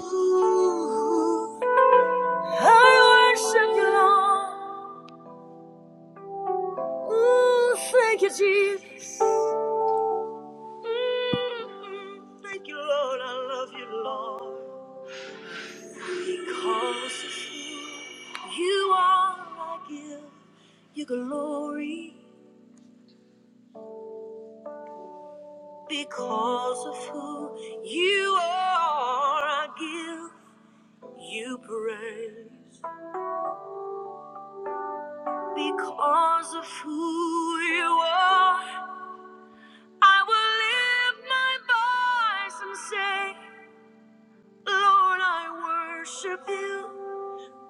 Ooh, I worship you, Lord. Ooh, thank you, Jesus. Mm, thank you, Lord. I love you, Lord. Because of who you are, I give you glory. Because of who you are, I give you praise. Because of who you are. I will lift my voice and say, Lord, I worship you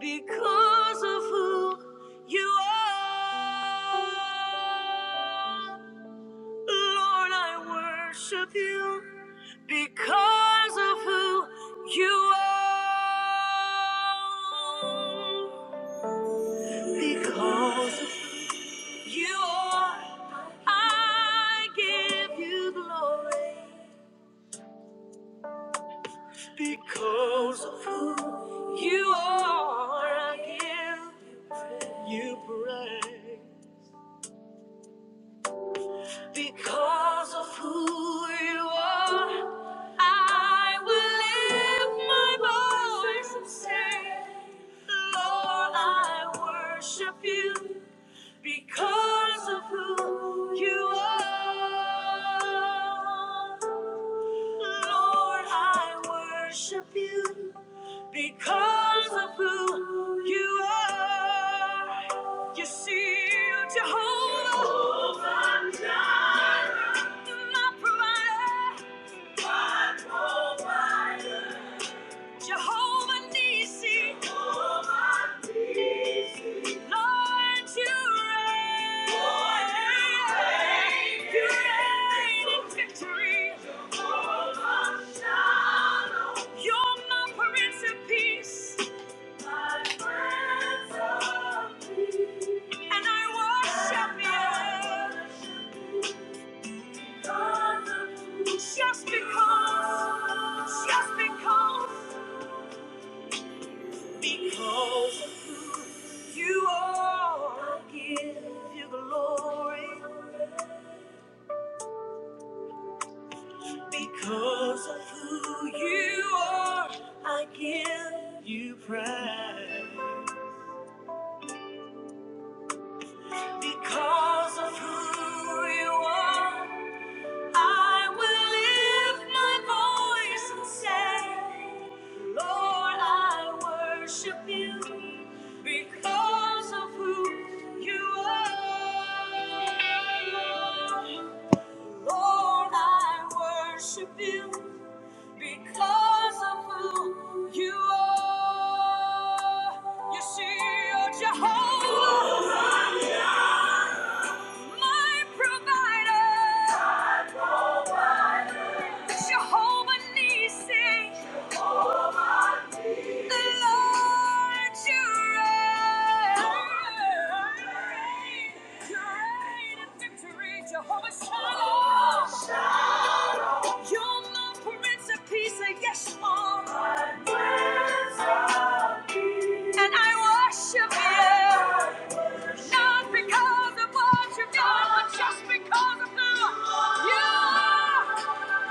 because of who you are. Lord, I worship you because of who you are. Because of who you are, I give you glory. Because of who you are, I give you praise. Because of who you are, I will lift my voice and say, Lord, I worship you because of who you are. Lord, I worship you because of who you are, you see, you're Jehovah, Jehovah Jireh, my provider, my provider. Jehovah Nissi. Jehovah Nissi. Lord, you reign. Lord, you reign. You reign in victory. Jehovah Shalom. You're my Prince of Peace. My Prince of Peace. And I worship And I worship you. just because, just because Because of who you are, I give you glory. Because of who you are, I give you praise. Because of who you are. I will lift my voice and say, Lord, I worship you because of who you are. Lord, I worship you because of who you are. You see, you're Jehovah, my provider. Jehovah Nissi, the Lord you reign. You reign in victory, Jehovah Shalom. Shalom. You're my Prince of Peace, and yes, Lord. And I worship you, not because of what you've done, but just because of who you are.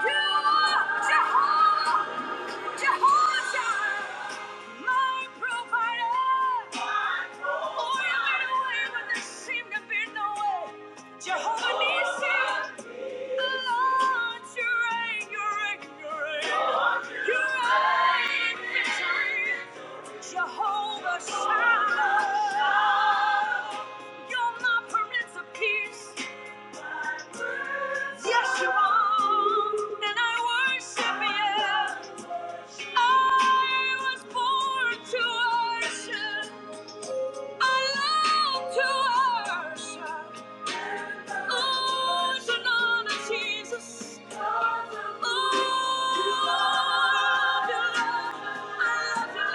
You are Jehovah, Jehovah Jireh, my provider. Oh, you made a way when there seemed to be no way. Jehovah Nissi. Jehovah Shalom, you're my Prince of Peace. Yes, you are, and I worship you. I was born to worship. I love to worship. Oh, to know that Jesus. Oh, I love your love. I love your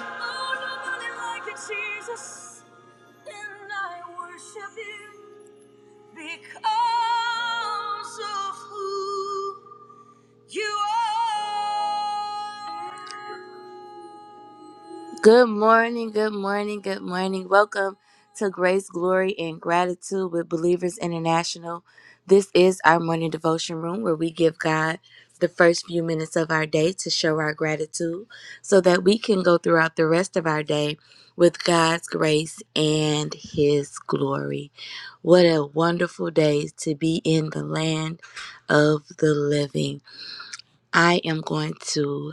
love. Oh, nobody like it, Jesus, and I worship you because of who you are. Good morning, good morning, good morning. Welcome to Grace, Glory, and Gratitude with Believers International. This is our morning devotion room where we give God the first few minutes of our day to show our gratitude so that we can go throughout the rest of our day with God's grace and His glory. What a wonderful day to be in the land of the living. I am going to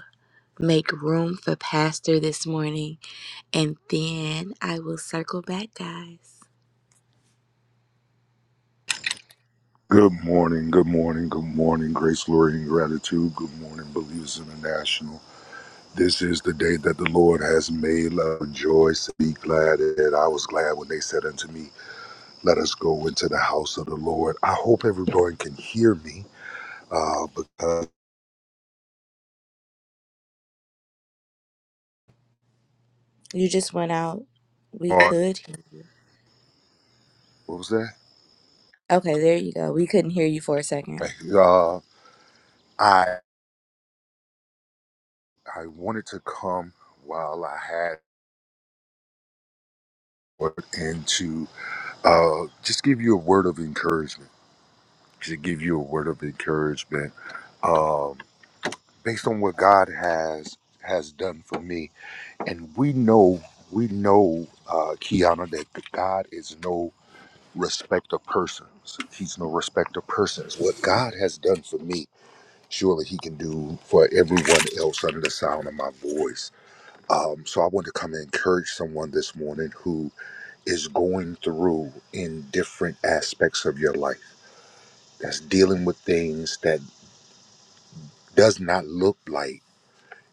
make room for Pastor this morning and then I will circle back, guys. Good morning, good morning, good morning, grace, glory, and gratitude. Good morning, Believers International. This is the day that the Lord has made. Let us rejoice and be glad that I was glad when they said unto me, Let us go into the house of the Lord. I hope everyone can hear me uh, because, You just went out. We uh, could. what was that? Okay, there you go. We couldn't hear you for a second. Uh, I, I wanted to come while I had and to uh, just give you a word of encouragement, to give you a word of encouragement. Um, based on what God has has done for me. And we know, we know, uh, Kiana, that God is no respecter of persons. He's no respecter of persons. What God has done for me, surely He can do for everyone else under the sound of my voice. Um, so I want to come and encourage someone this morning who is going through in different aspects of your life, that's dealing with things that does not look like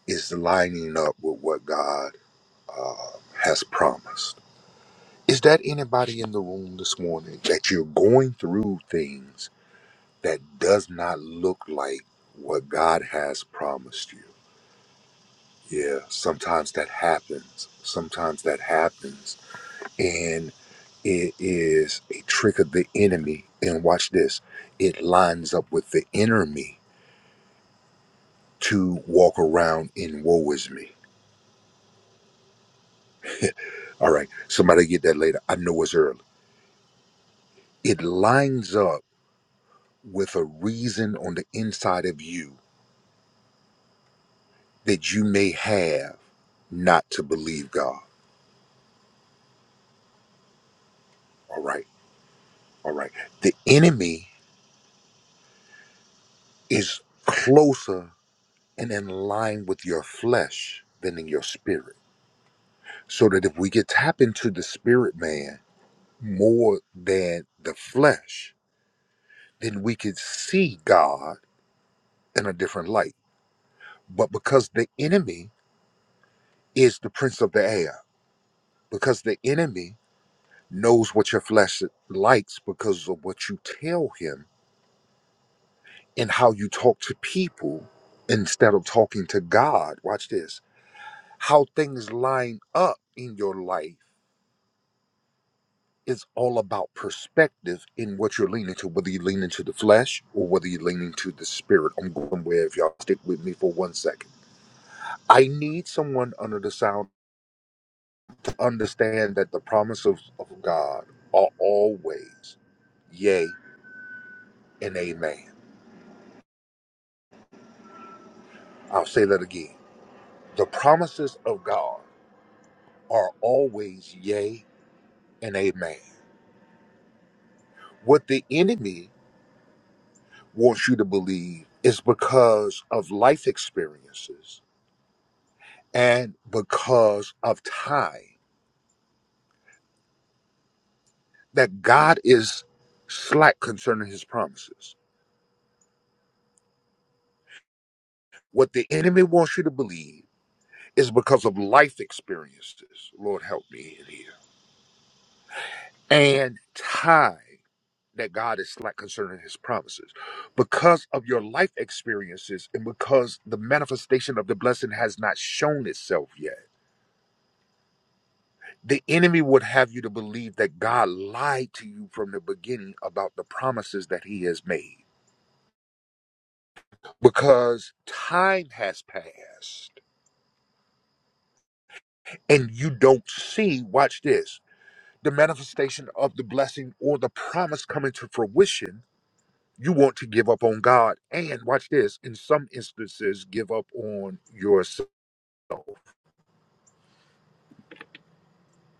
is lining up with what God uh, has promised. Is that anybody in the room this morning that you're going through things that does not look like what God has promised you? Yeah, sometimes that happens. Sometimes that happens. And it is a trick of the enemy. And watch this it lines up with the enemy to walk around in woe is me. All right, somebody get that later. I know it's early. It lines up with a reason on the inside of you that you may have not to believe God. All right. All right. The enemy is closer and in line with your flesh than in your spirit. So that if we get tapped into the spirit man more than the flesh, then we could see God in a different light. But because the enemy is the prince of the air, because the enemy knows what your flesh likes because of what you tell him and how you talk to people instead of talking to God. Watch this. How things line up in your life is all about perspective in what you're leaning to, whether you're leaning to the flesh or whether you're leaning to the spirit. I'm going where if y'all stick with me for one second. I need someone under the sound to understand that the promises of of God are always yea and amen. I'll say that again The promises of God are always yea and amen. What the enemy wants you to believe is because of life experiences and because of time that God is slack concerning his promises. What the enemy wants you to believe is because of life experiences. Lord, help me in here. And time. that God is slack concerning his promises. Because of your life experiences and because the manifestation of the blessing has not shown itself yet, the enemy would have you to believe that God lied to you from the beginning about the promises that he has made. Because time has passed and you don't see, watch this, the manifestation of the blessing or the promise coming to fruition you want to give up on God and watch this in some instances give up on yourself.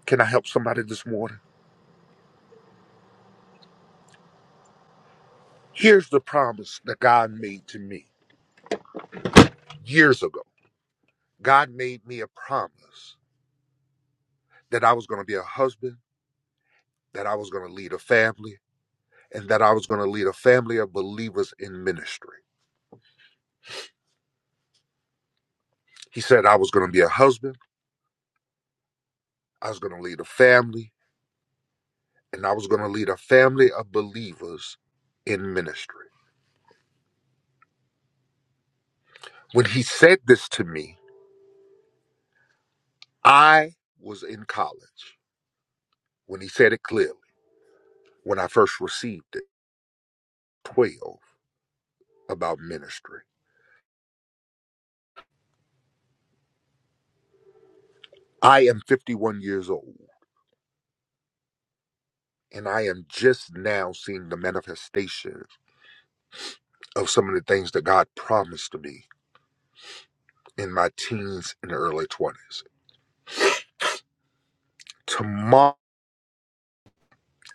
Can I help somebody this morning? Here's the promise that God made to me years ago. God made me a promise that I was going to be a husband, that I was going to lead a family, and that I was going to lead a family of believers in ministry. He said I was going to be a husband, I was going to lead a family, and I was going to lead a family of believers in ministry. When he said this to me, I was in college when he said it clearly, when I first received it, 12, about ministry. I am 51 years old, and I am just now seeing the manifestation of some of the things that God promised to me in my teens and early 20s. Tomorrow,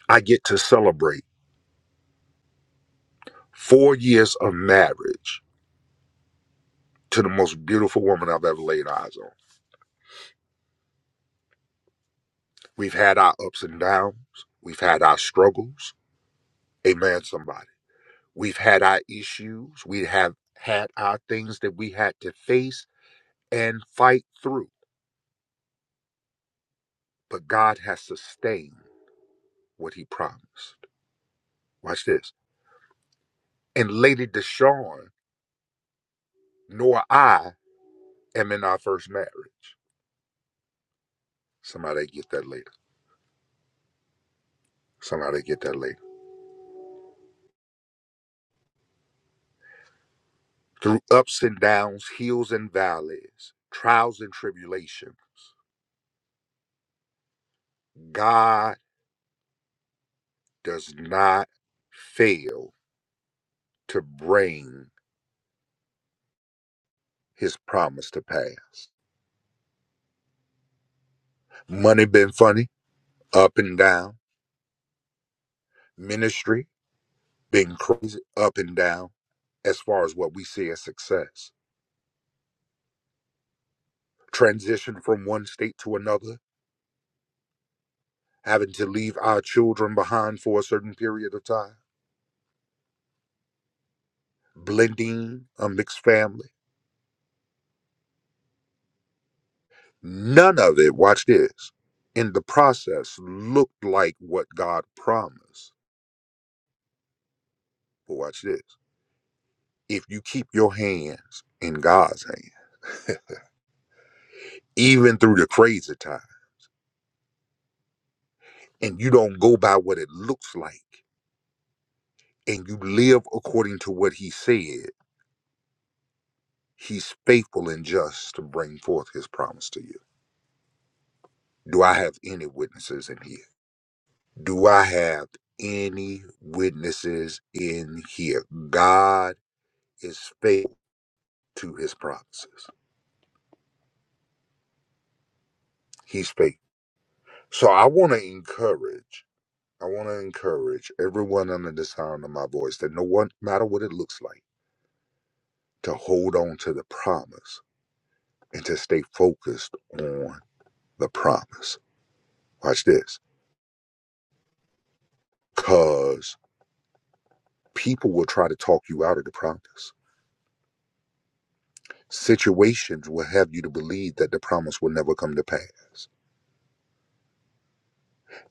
I get to celebrate four years of marriage to the most beautiful woman I've ever laid eyes on. We've had our ups and downs, we've had our struggles. Amen, somebody We've had our issues. We have had our things that we had to face and fight through. But God has sustained what He promised. Watch this. And Lady Deshawn nor I am in our first marriage. Somebody get that later. Somebody get that later. Through ups and downs, hills and valleys, trials and tribulations, God does not fail to bring His promise to pass. Money been funny up and down. Ministry been crazy up and down as far as what we see as success. Transition from one state to another, having to leave our children behind for a certain period of time, blending a mixed family. None of it, watch this, in the process looked like what God promised. But watch this. If you keep your hands in God's hand, even through the crazy time, and you don't go by what it looks like. and you live according to what he said, he's faithful and just to bring forth his promise to you. Do I have any witnesses in here? Do I have any witnesses in here? God is faithful to his promises. He's faithful. So I want to encourage, I want to encourage everyone under the sound of my voice that no one, no matter what it looks like, to hold on to the promise and to stay focused on the promise. Watch this because people will try to talk you out of the promise. Situations will have you to believe that the promise will never come to pass.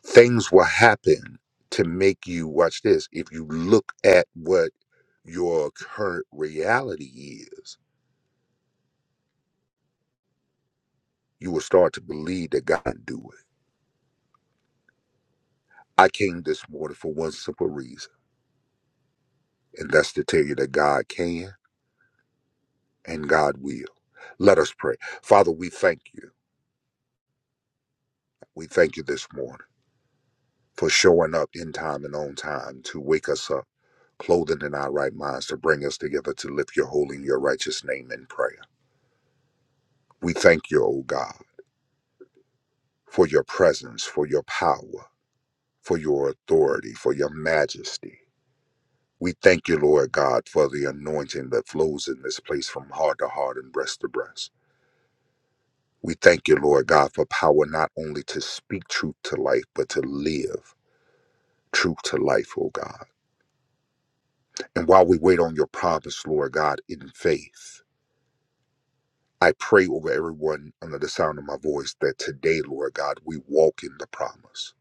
Things will happen to make you watch this. If you look at what your current reality is, you will start to believe that God can do it. I came this morning for one simple reason, and that's to tell you that God can and God will. Let us pray. Father, we thank you. We thank you this morning. for showing up in time and on time to wake us up, clothing in our right minds, to bring us together to lift your holy and your righteous name in prayer. We thank you, O God, for your presence, for your power, for your authority, for your majesty. We thank you, Lord God, for the anointing that flows in this place from heart to heart and breast to breast. We thank you, Lord God, for power not only to speak truth to life, but to live truth to life, O God. And while we wait on your promise, Lord God, in faith, I pray over everyone under the sound of my voice that today, Lord God, we walk in the promise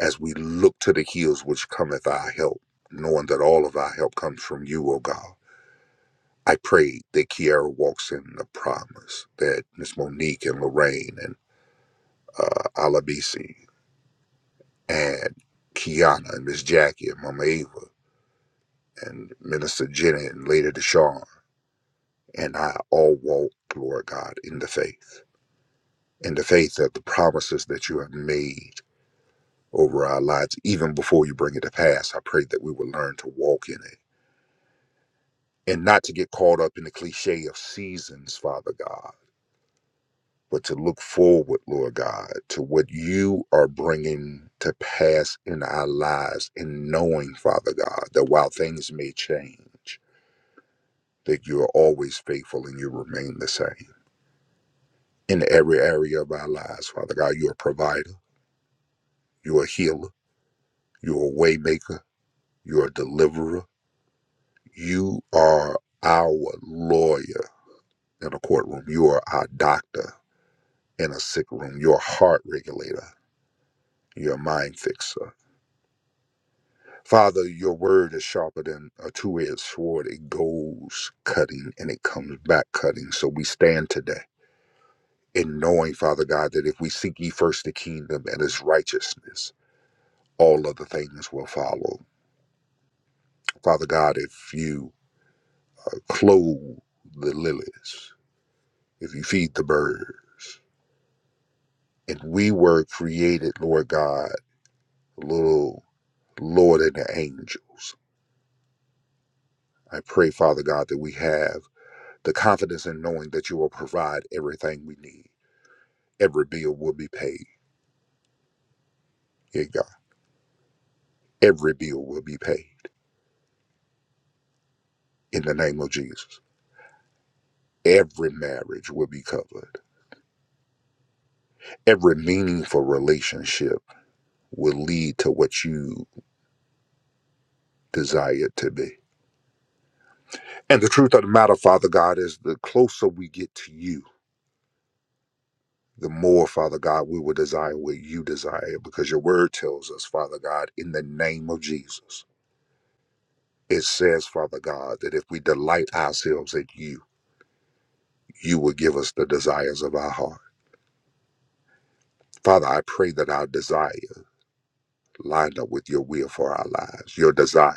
as we look to the hills which cometh our help, knowing that all of our help comes from you, O God. I pray that Kiara walks in the promise, that Miss Monique and Lorraine and uh, Alabisi and Kiana and Miss Jackie and Mama Ava and Minister Jenny and Lady Deshawn and I all walk, Lord God, in the faith, in the faith of the promises that you have made over our lives, even before you bring it to pass. I pray that we will learn to walk in it and not to get caught up in the cliche of seasons, Father God, but to look forward, Lord God, to what you are bringing to pass in our lives and knowing, Father God, that while things may change, that you are always faithful and you remain the same. In every area of our lives, Father God, you're a provider, you're a healer, you're a waymaker, you're a deliverer, You are our lawyer in a courtroom. You are our doctor in a sick room. You're a heart regulator. You're a mind fixer. Father, your word is sharper than a two edged sword. It goes cutting and it comes back cutting. So we stand today in knowing, Father God, that if we seek ye first the kingdom and his righteousness, all other things will follow. Father God, if you uh, clothe the lilies, if you feed the birds, And we were created, Lord God, a little lower than the angels. I pray, Father God, that we have the confidence in knowing that you will provide everything we need. Every bill will be paid. Yeah, God. Every bill will be paid in the name of Jesus. Every marriage will be covered. Every meaningful relationship will lead to what you desire it to be. And the truth of the matter, Father God, is the closer we get to you, the more, Father God, we will desire what you desire because your word tells us, Father God, in the name of Jesus. It says, Father God, that if we delight ourselves in you, you will give us the desires of our heart. Father, I pray that our desire lined up with your will for our lives. Your desire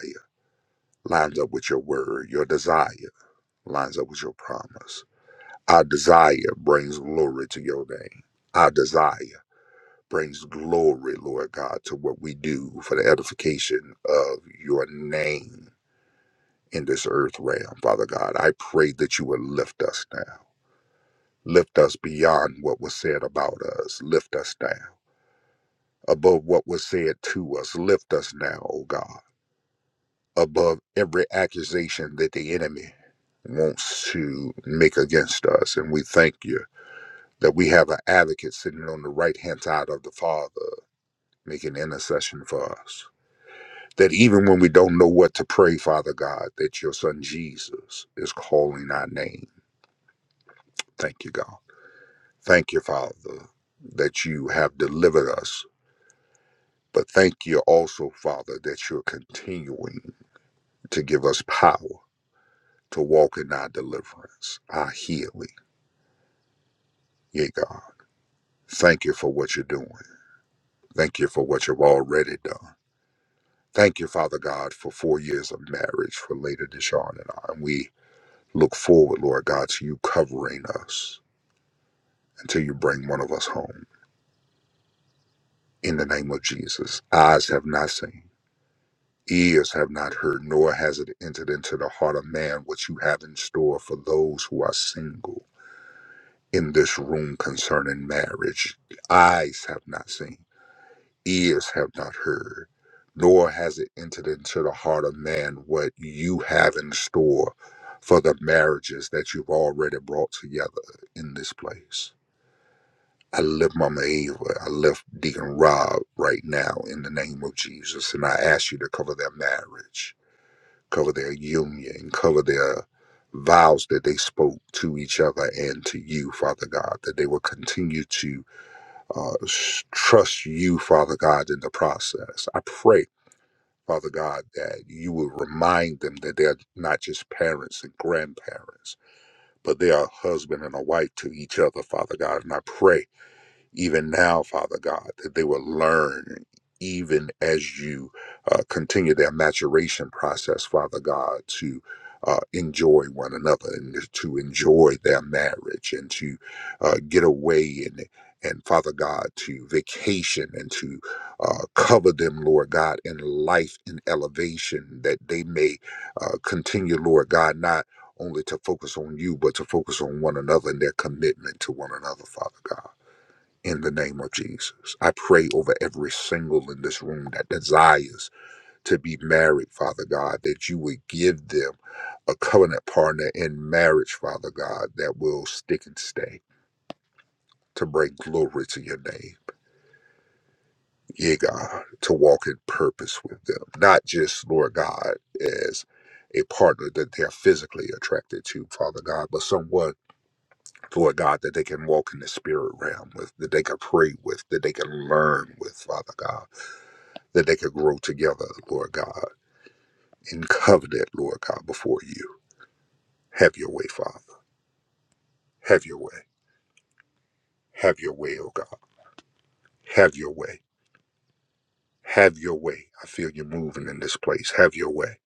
lines up with your word. Your desire lines up with your promise. Our desire brings glory to your name. Our desire brings glory, Lord God, to what we do for the edification of your name in this earth realm, Father God. I pray that you would lift us now. Lift us beyond what was said about us. Lift us now above what was said to us. Lift us now, O God, above every accusation that the enemy wants to make against us. And we thank you that we have an advocate sitting on the right hand side of the Father making intercession for us. That even when we don't know what to pray, Father God, that your son Jesus is calling our name. Thank you, God. Thank you, Father, that you have delivered us. But thank you also, Father, that you're continuing to give us power to walk in our deliverance, our healing. Yea, God. Thank you for what you're doing. Thank you for what you've already done. Thank you, Father God, for four years of marriage for later Deshawn and I. And we look forward, Lord God, to you covering us until you bring one of us home. In the name of Jesus, eyes have not seen, ears have not heard, nor has it entered into the heart of man what you have in store for those who are single in this room concerning marriage. Eyes have not seen, ears have not heard, nor has it entered into the heart of man what you have in store for the marriages that you've already brought together in this place. I lift Mama Ava. I lift Deacon Rob right now in the name of Jesus. And I ask you to cover their marriage, cover their union, cover their vows that they spoke to each other and to you, Father God, that they will continue to uh, s- trust you, Father God, in the process. I pray. Father God, that you will remind them that they're not just parents and grandparents, but they are husband and a wife to each other, Father God. And I pray even now, Father God, that they will learn even as you uh, continue their maturation process, Father God, to uh, enjoy one another and to enjoy their marriage and to uh, get away and and Father God to vacation and to uh, cover them, Lord God, in life and elevation that they may uh, continue, Lord God, not only to focus on you, but to focus on one another and their commitment to one another, Father God in the name of Jesus. I pray over every single in this room that desires to be married, Father God, that you would give them a covenant partner in marriage, Father God, that will stick and stay to bring glory to your name. Yeah, God, to walk in purpose with them, not just, Lord God, as a partner that they are physically attracted to, Father God, but someone, Lord God, that they can walk in the spirit realm with, that they can pray with, that they can learn with, Father God that they could grow together, Lord God, in covenant, Lord God, before you. Have your way, Father. Have your way. Have your way, oh God. Have your way. Have your way. I feel you moving in this place. Have your way.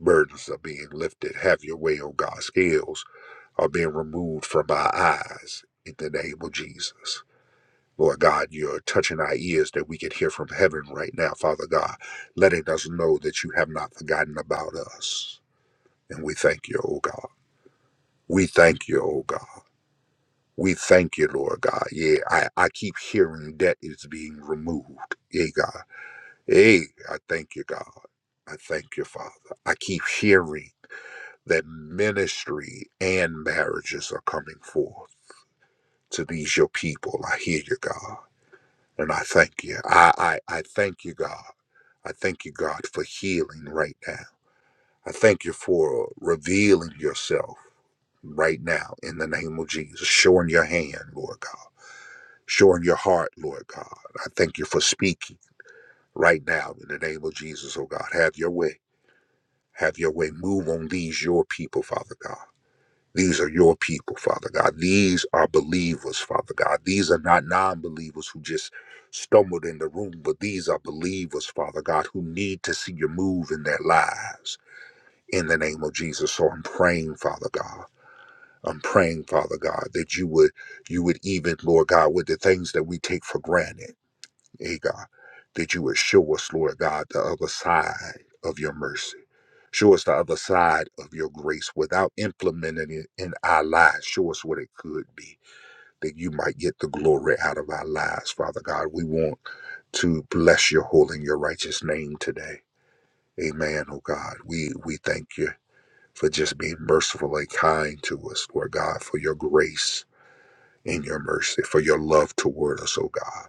Burdens are being lifted. Have your way, oh God. Scales are being removed from our eyes in the name of Jesus. Lord God, you're touching our ears that we can hear from heaven right now, Father God, letting us know that you have not forgotten about us. And we thank you, oh God. We thank you, oh God. We thank you, Lord God. Yeah, I, I keep hearing debt is being removed. Yeah, God. Hey, I thank you, God. I thank you, Father. I keep hearing that ministry and marriages are coming forth to these your people. I hear you, God. And I thank you. I, I, I thank you, God. I thank you, God, for healing right now. I thank you for revealing yourself right now in the name of Jesus, showing your hand, Lord God. showing your heart, Lord God. I thank you for speaking right now in the name of Jesus, oh God. Have your way. Have your way. Move on these, your people, Father God. These are your people, Father God. These are believers, Father God. These are not non believers who just stumbled in the room, but these are believers, Father God, who need to see you move in their lives in the name of Jesus. So I'm praying, Father God. I'm praying, Father God, that you would you would even, Lord God, with the things that we take for granted. Hey God, that you would show us, Lord God, the other side of your mercy. Show us the other side of your grace without implementing it in our lives. Show us what it could be that you might get the glory out of our lives, Father God. We want to bless your holy and your righteous name today. Amen, oh God. We we thank you for just being merciful and kind to us, Lord God, for your grace and your mercy, for your love toward us, oh God.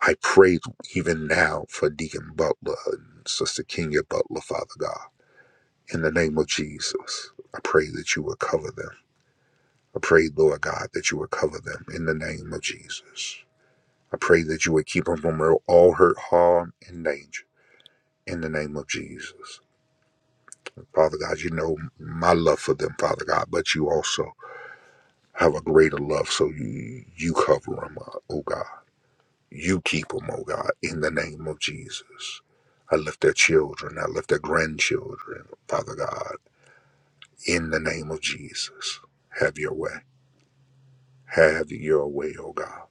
I pray even now for Deacon Butler and Sister Kenya Butler, Father God. In the name of Jesus, I pray that you will cover them. I pray, Lord God, that you will cover them in the name of Jesus. I pray that you would keep them from all hurt, harm, and danger in the name of Jesus. Father God, you know my love for them, Father God, but you also have a greater love, so you, you cover them, uh, oh God. You keep them, oh God, in the name of Jesus. I lift their children. I lift their grandchildren, Father God, in the name of Jesus. Have your way. Have your way, oh God.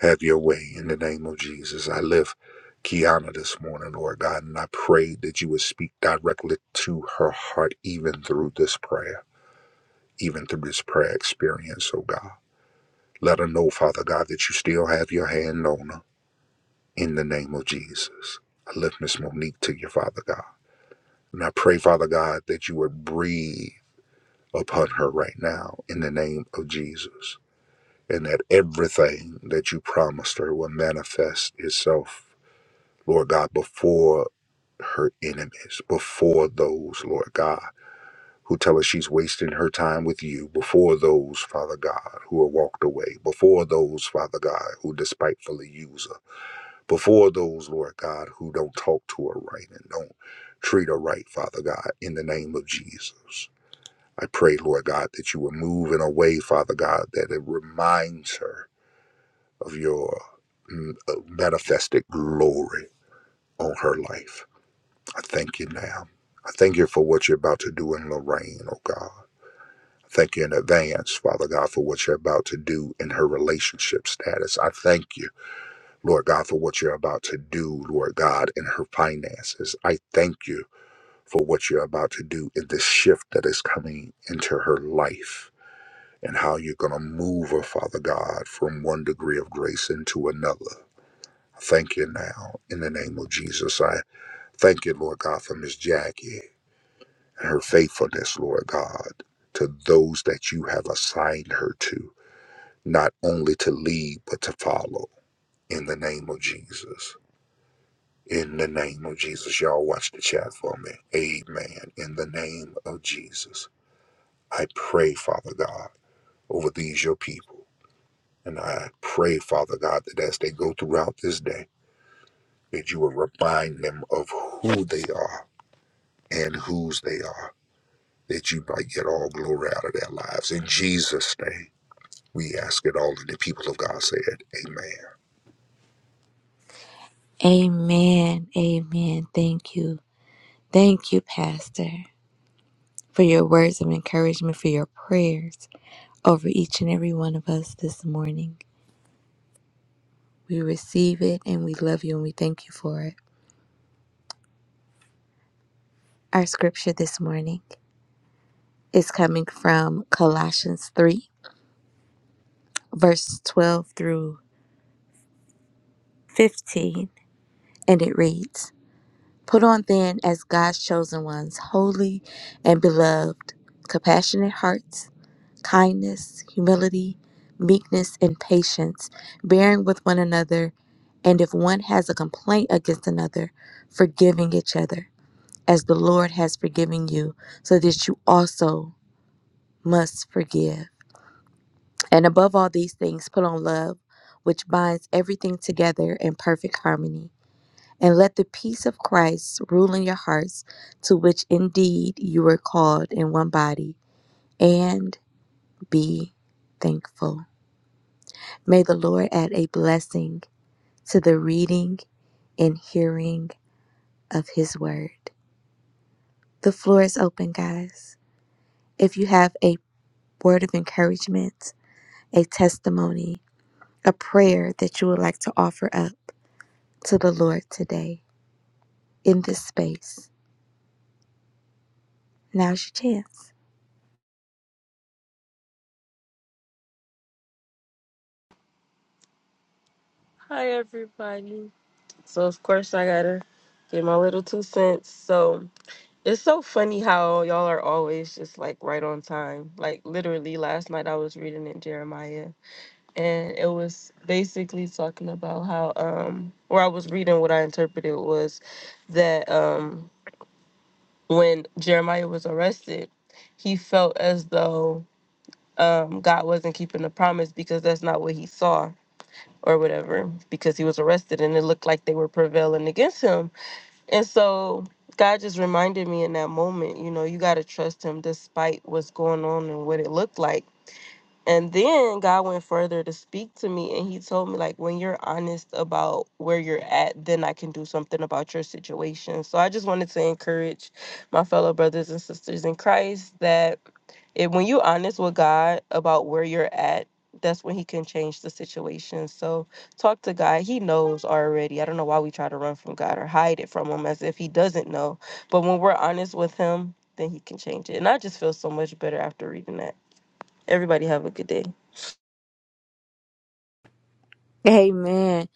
Have your way in the name of Jesus. I lift Kiana this morning, Lord God, and I pray that you would speak directly to her heart, even through this prayer, even through this prayer experience, oh God. Let her know, Father God, that you still have your hand on her. in the name of Jesus. I lift Miss Monique to you, Father God. And I pray, Father God, that you would breathe upon her right now in the name of Jesus. And that everything that you promised her will manifest itself, Lord God, before her enemies, before those, Lord God, who tell her she's wasting her time with you, before those, Father God, who are walked away, before those, Father God, who despitefully use her. before those, Lord God, who don't talk to her right and don't treat her right, Father God, in the name of Jesus. I pray, Lord God, that you will move in a way, Father God, that it reminds her of your mm, uh, manifested glory on her life. I thank you now. I thank you for what you're about to do in Lorraine, oh God. I Thank you in advance, Father God, for what you're about to do in her relationship status. I thank you. Lord God, for what you're about to do, Lord God, in her finances. I thank you for what you're about to do in this shift that is coming into her life and how you're going to move her, Father God, from one degree of grace into another. I Thank you now in the name of Jesus. I thank you, Lord God, for Miss Jackie and her faithfulness, Lord God, to those that you have assigned her to, not only to lead, but to follow in the name of Jesus. In the name of Jesus, y'all watch the chat for me. Amen. In the name of Jesus, I pray, Father God, over these your people. And I pray, Father God, that as they go throughout this day, that you will remind them of who they are and whose they are, that you might get all glory out of their lives. In Jesus' name, we ask it all, and the people of God said, Amen. Amen. Amen. Thank you. Thank you, Pastor, for your words of encouragement, for your prayers over each and every one of us this morning. We receive it and we love you and we thank you for it. Our scripture this morning is coming from Colossians 3 verse 12 through 15, and it reads Put on then as God's chosen ones, holy and beloved, compassionate hearts, kindness, humility, meekness, and patience, bearing with one another, and if one has a complaint against another, forgiving each other, as the Lord has forgiven you, so that you also must forgive. And above all these things, put on love, which binds everything together in perfect harmony. And let the peace of Christ rule in your hearts, to which indeed you were called in one body, and be thankful. May the Lord add a blessing to the reading and hearing of his word. The floor is open, guys. If you have a word of encouragement, a testimony, a prayer that you would like to offer up to the Lord today in this space, now's your chance. Hi, everybody. So, of course, I gotta get my little two cents. So, it's so funny how y'all are always just like right on time. Like, literally, last night I was reading in Jeremiah, and it was basically talking about how, um, where I was reading what I interpreted was that, um, when Jeremiah was arrested, he felt as though, um, God wasn't keeping the promise because that's not what he saw or whatever because he was arrested and it looked like they were prevailing against him. And so God just reminded me in that moment, you know, you got to trust him despite what's going on and what it looked like. And then God went further to speak to me and he told me like when you're honest about where you're at, then I can do something about your situation. So I just wanted to encourage my fellow brothers and sisters in Christ that if when you honest with God about where you're at, that's when he can change the situation. So talk to God. He knows already. I don't know why we try to run from God or hide it from him as if he doesn't know. But when we're honest with him, then he can change it. And I just feel so much better after reading that. Everybody have a good day. Amen.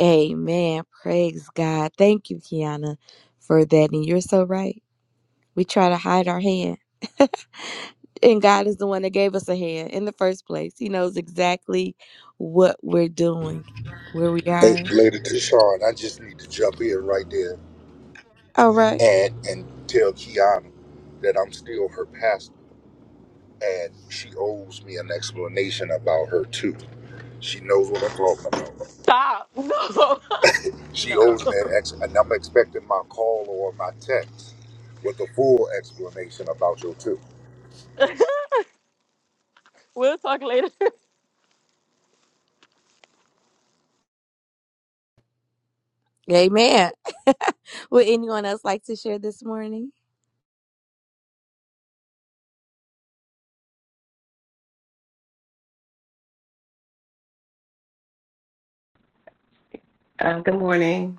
Amen. Praise God. Thank you, Kiana, for that. And you're so right. We try to hide our hand. And God is the one that gave us a hand in the first place. He knows exactly what we're doing, where we Hey, are. Lady Deshawn, I just need to jump in right there. All right. and and tell Kiana that I'm still her pastor and she owes me an explanation about her too. She knows what I'm talking about. Stop. She No. no. owes me an ex and I'm expecting my call or my text with a full explanation about your too. We'll talk later. Amen. Would anyone else like to share this morning? Um, good morning.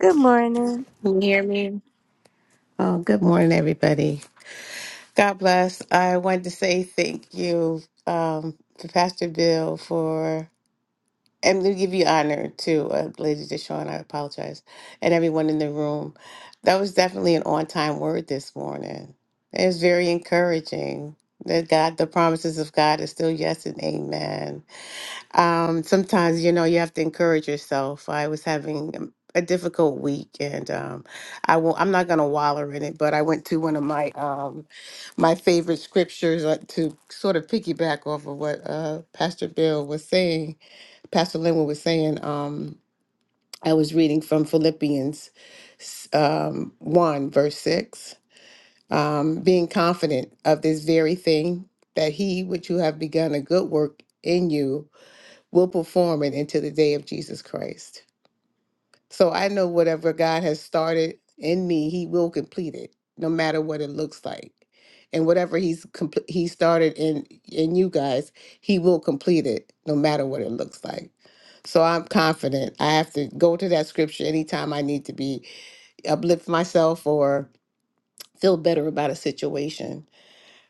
Good morning. Can you hear me? Oh, good morning, everybody. God bless. I wanted to say thank you um, to Pastor Bill for, and to give you honor to uh, Lady Deshawn, I apologize, and everyone in the room. That was definitely an on time word this morning. It was very encouraging that God, the promises of God is still yes and amen. Um, sometimes, you know, you have to encourage yourself. I was having um, a difficult week and um I won't I'm not gonna wallow in it, but I went to one of my um my favorite scriptures uh, to sort of piggyback off of what uh Pastor Bill was saying, Pastor Linwood was saying. Um I was reading from Philippians s- um one verse six. Um being confident of this very thing that he which you have begun a good work in you will perform it until the day of Jesus Christ. So I know whatever God has started in me, He will complete it, no matter what it looks like. And whatever He's compl- He started in in you guys, He will complete it, no matter what it looks like. So I'm confident. I have to go to that scripture anytime I need to be uplift myself or feel better about a situation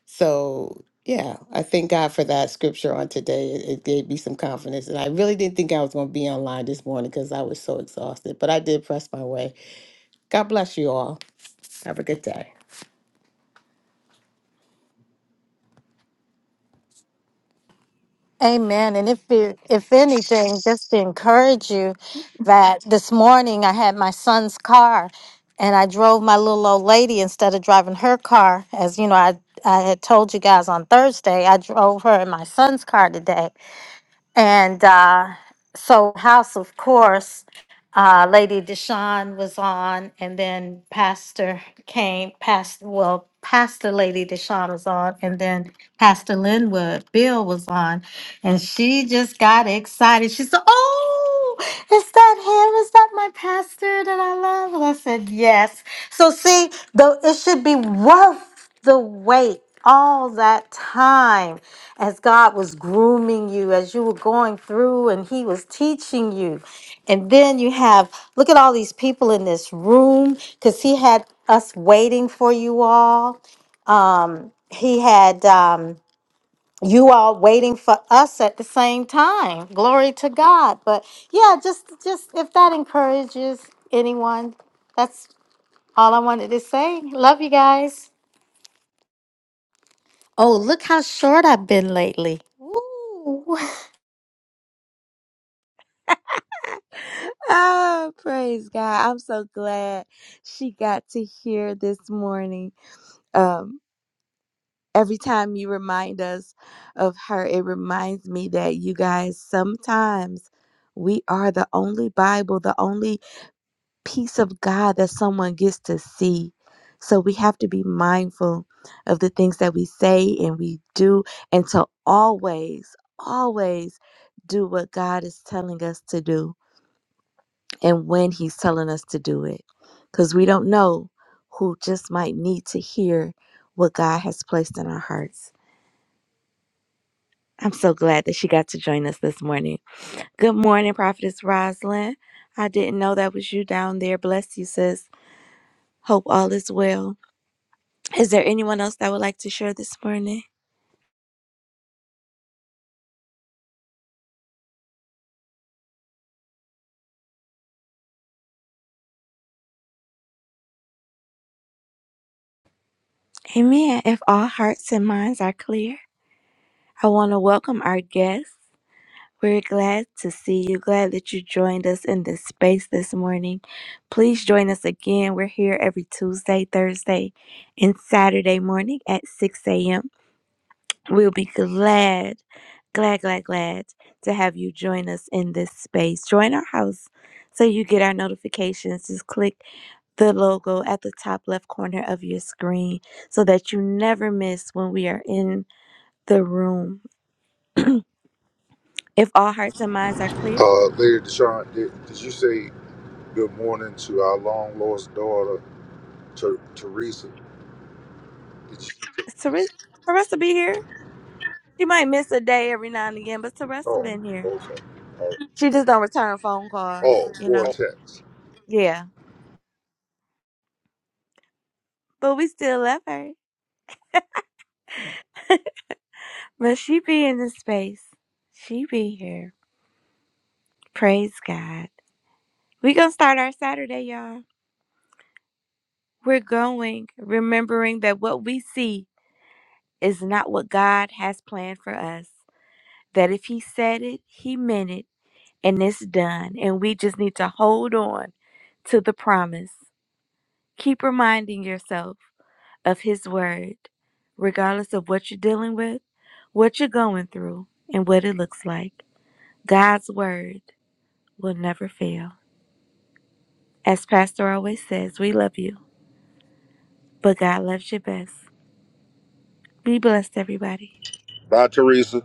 so, yeah, I thank God for that scripture on today. It, it gave me some confidence. And I really didn't think I was going to be online this morning because I was so exhausted, but I did press my way. God bless you all. Have a good day. Amen. And if you, if anything, just to encourage you that this morning I had my son's car and I drove my little old lady instead of driving her car. As you know, I, I had told you guys on Thursday, I drove her in my son's car today. And uh, so, house, of course, uh, Lady Deshawn was on, and then Pastor came, Pastor, well, Pastor Lady Deshawn was on, and then Pastor Linwood Bill was on. And she just got excited. She said, Oh, is that him? Is that my pastor that I love? And I said, Yes. So see, though it should be worth the wait. All that time as God was grooming you, as you were going through and He was teaching you. And then you have, look at all these people in this room because He had us waiting for you all. Um, he had. Um, you all waiting for us at the same time. Glory to God. But yeah, just just if that encourages anyone, that's all I wanted to say. Love you guys. Oh, look how short I've been lately. Woo. Oh, praise God. I'm so glad she got to hear this morning. Um, every time you remind us of her, it reminds me that you guys sometimes we are the only Bible, the only piece of God that someone gets to see. So we have to be mindful of the things that we say and we do, and to always, always do what God is telling us to do and when He's telling us to do it. Because we don't know who just might need to hear what God has placed in our hearts. I'm so glad that she got to join us this morning. Good morning, Prophetess Rosalind. I didn't know that was you down there. Bless you, sis. Hope all is well. Is there anyone else that would like to share this morning? Amen. If all hearts and minds are clear, I want to welcome our guests. We're glad to see you. Glad that you joined us in this space this morning. Please join us again. We're here every Tuesday, Thursday, and Saturday morning at 6 a.m. We'll be glad, glad, glad, glad to have you join us in this space. Join our house so you get our notifications. Just click the logo at the top left corner of your screen so that you never miss when we are in the room. If all hearts and minds are clear, Uh Lady Deshawn, did, did you say good morning to our long lost daughter Ter- Teresa? Did you is Ter- Teresa be here. She might miss a day every now and again, but Teresa Oh, been here. okay. Oh, She just don't return phone calls, oh, you four know. texts. Yeah, but we still love her. But she be in this space. She be here. Praise God. We're going to start our Saturday, y'all. We're going remembering that what we see is not what God has planned for us. That if He said it, He meant it, and it's done. And we just need to hold on to the promise. Keep reminding yourself of His word, regardless of what you're dealing with, what you're going through, and what it looks like. God's word will never fail. As Pastor always says, we love you. But God loves you best. Be blessed, everybody. Bye Teresa.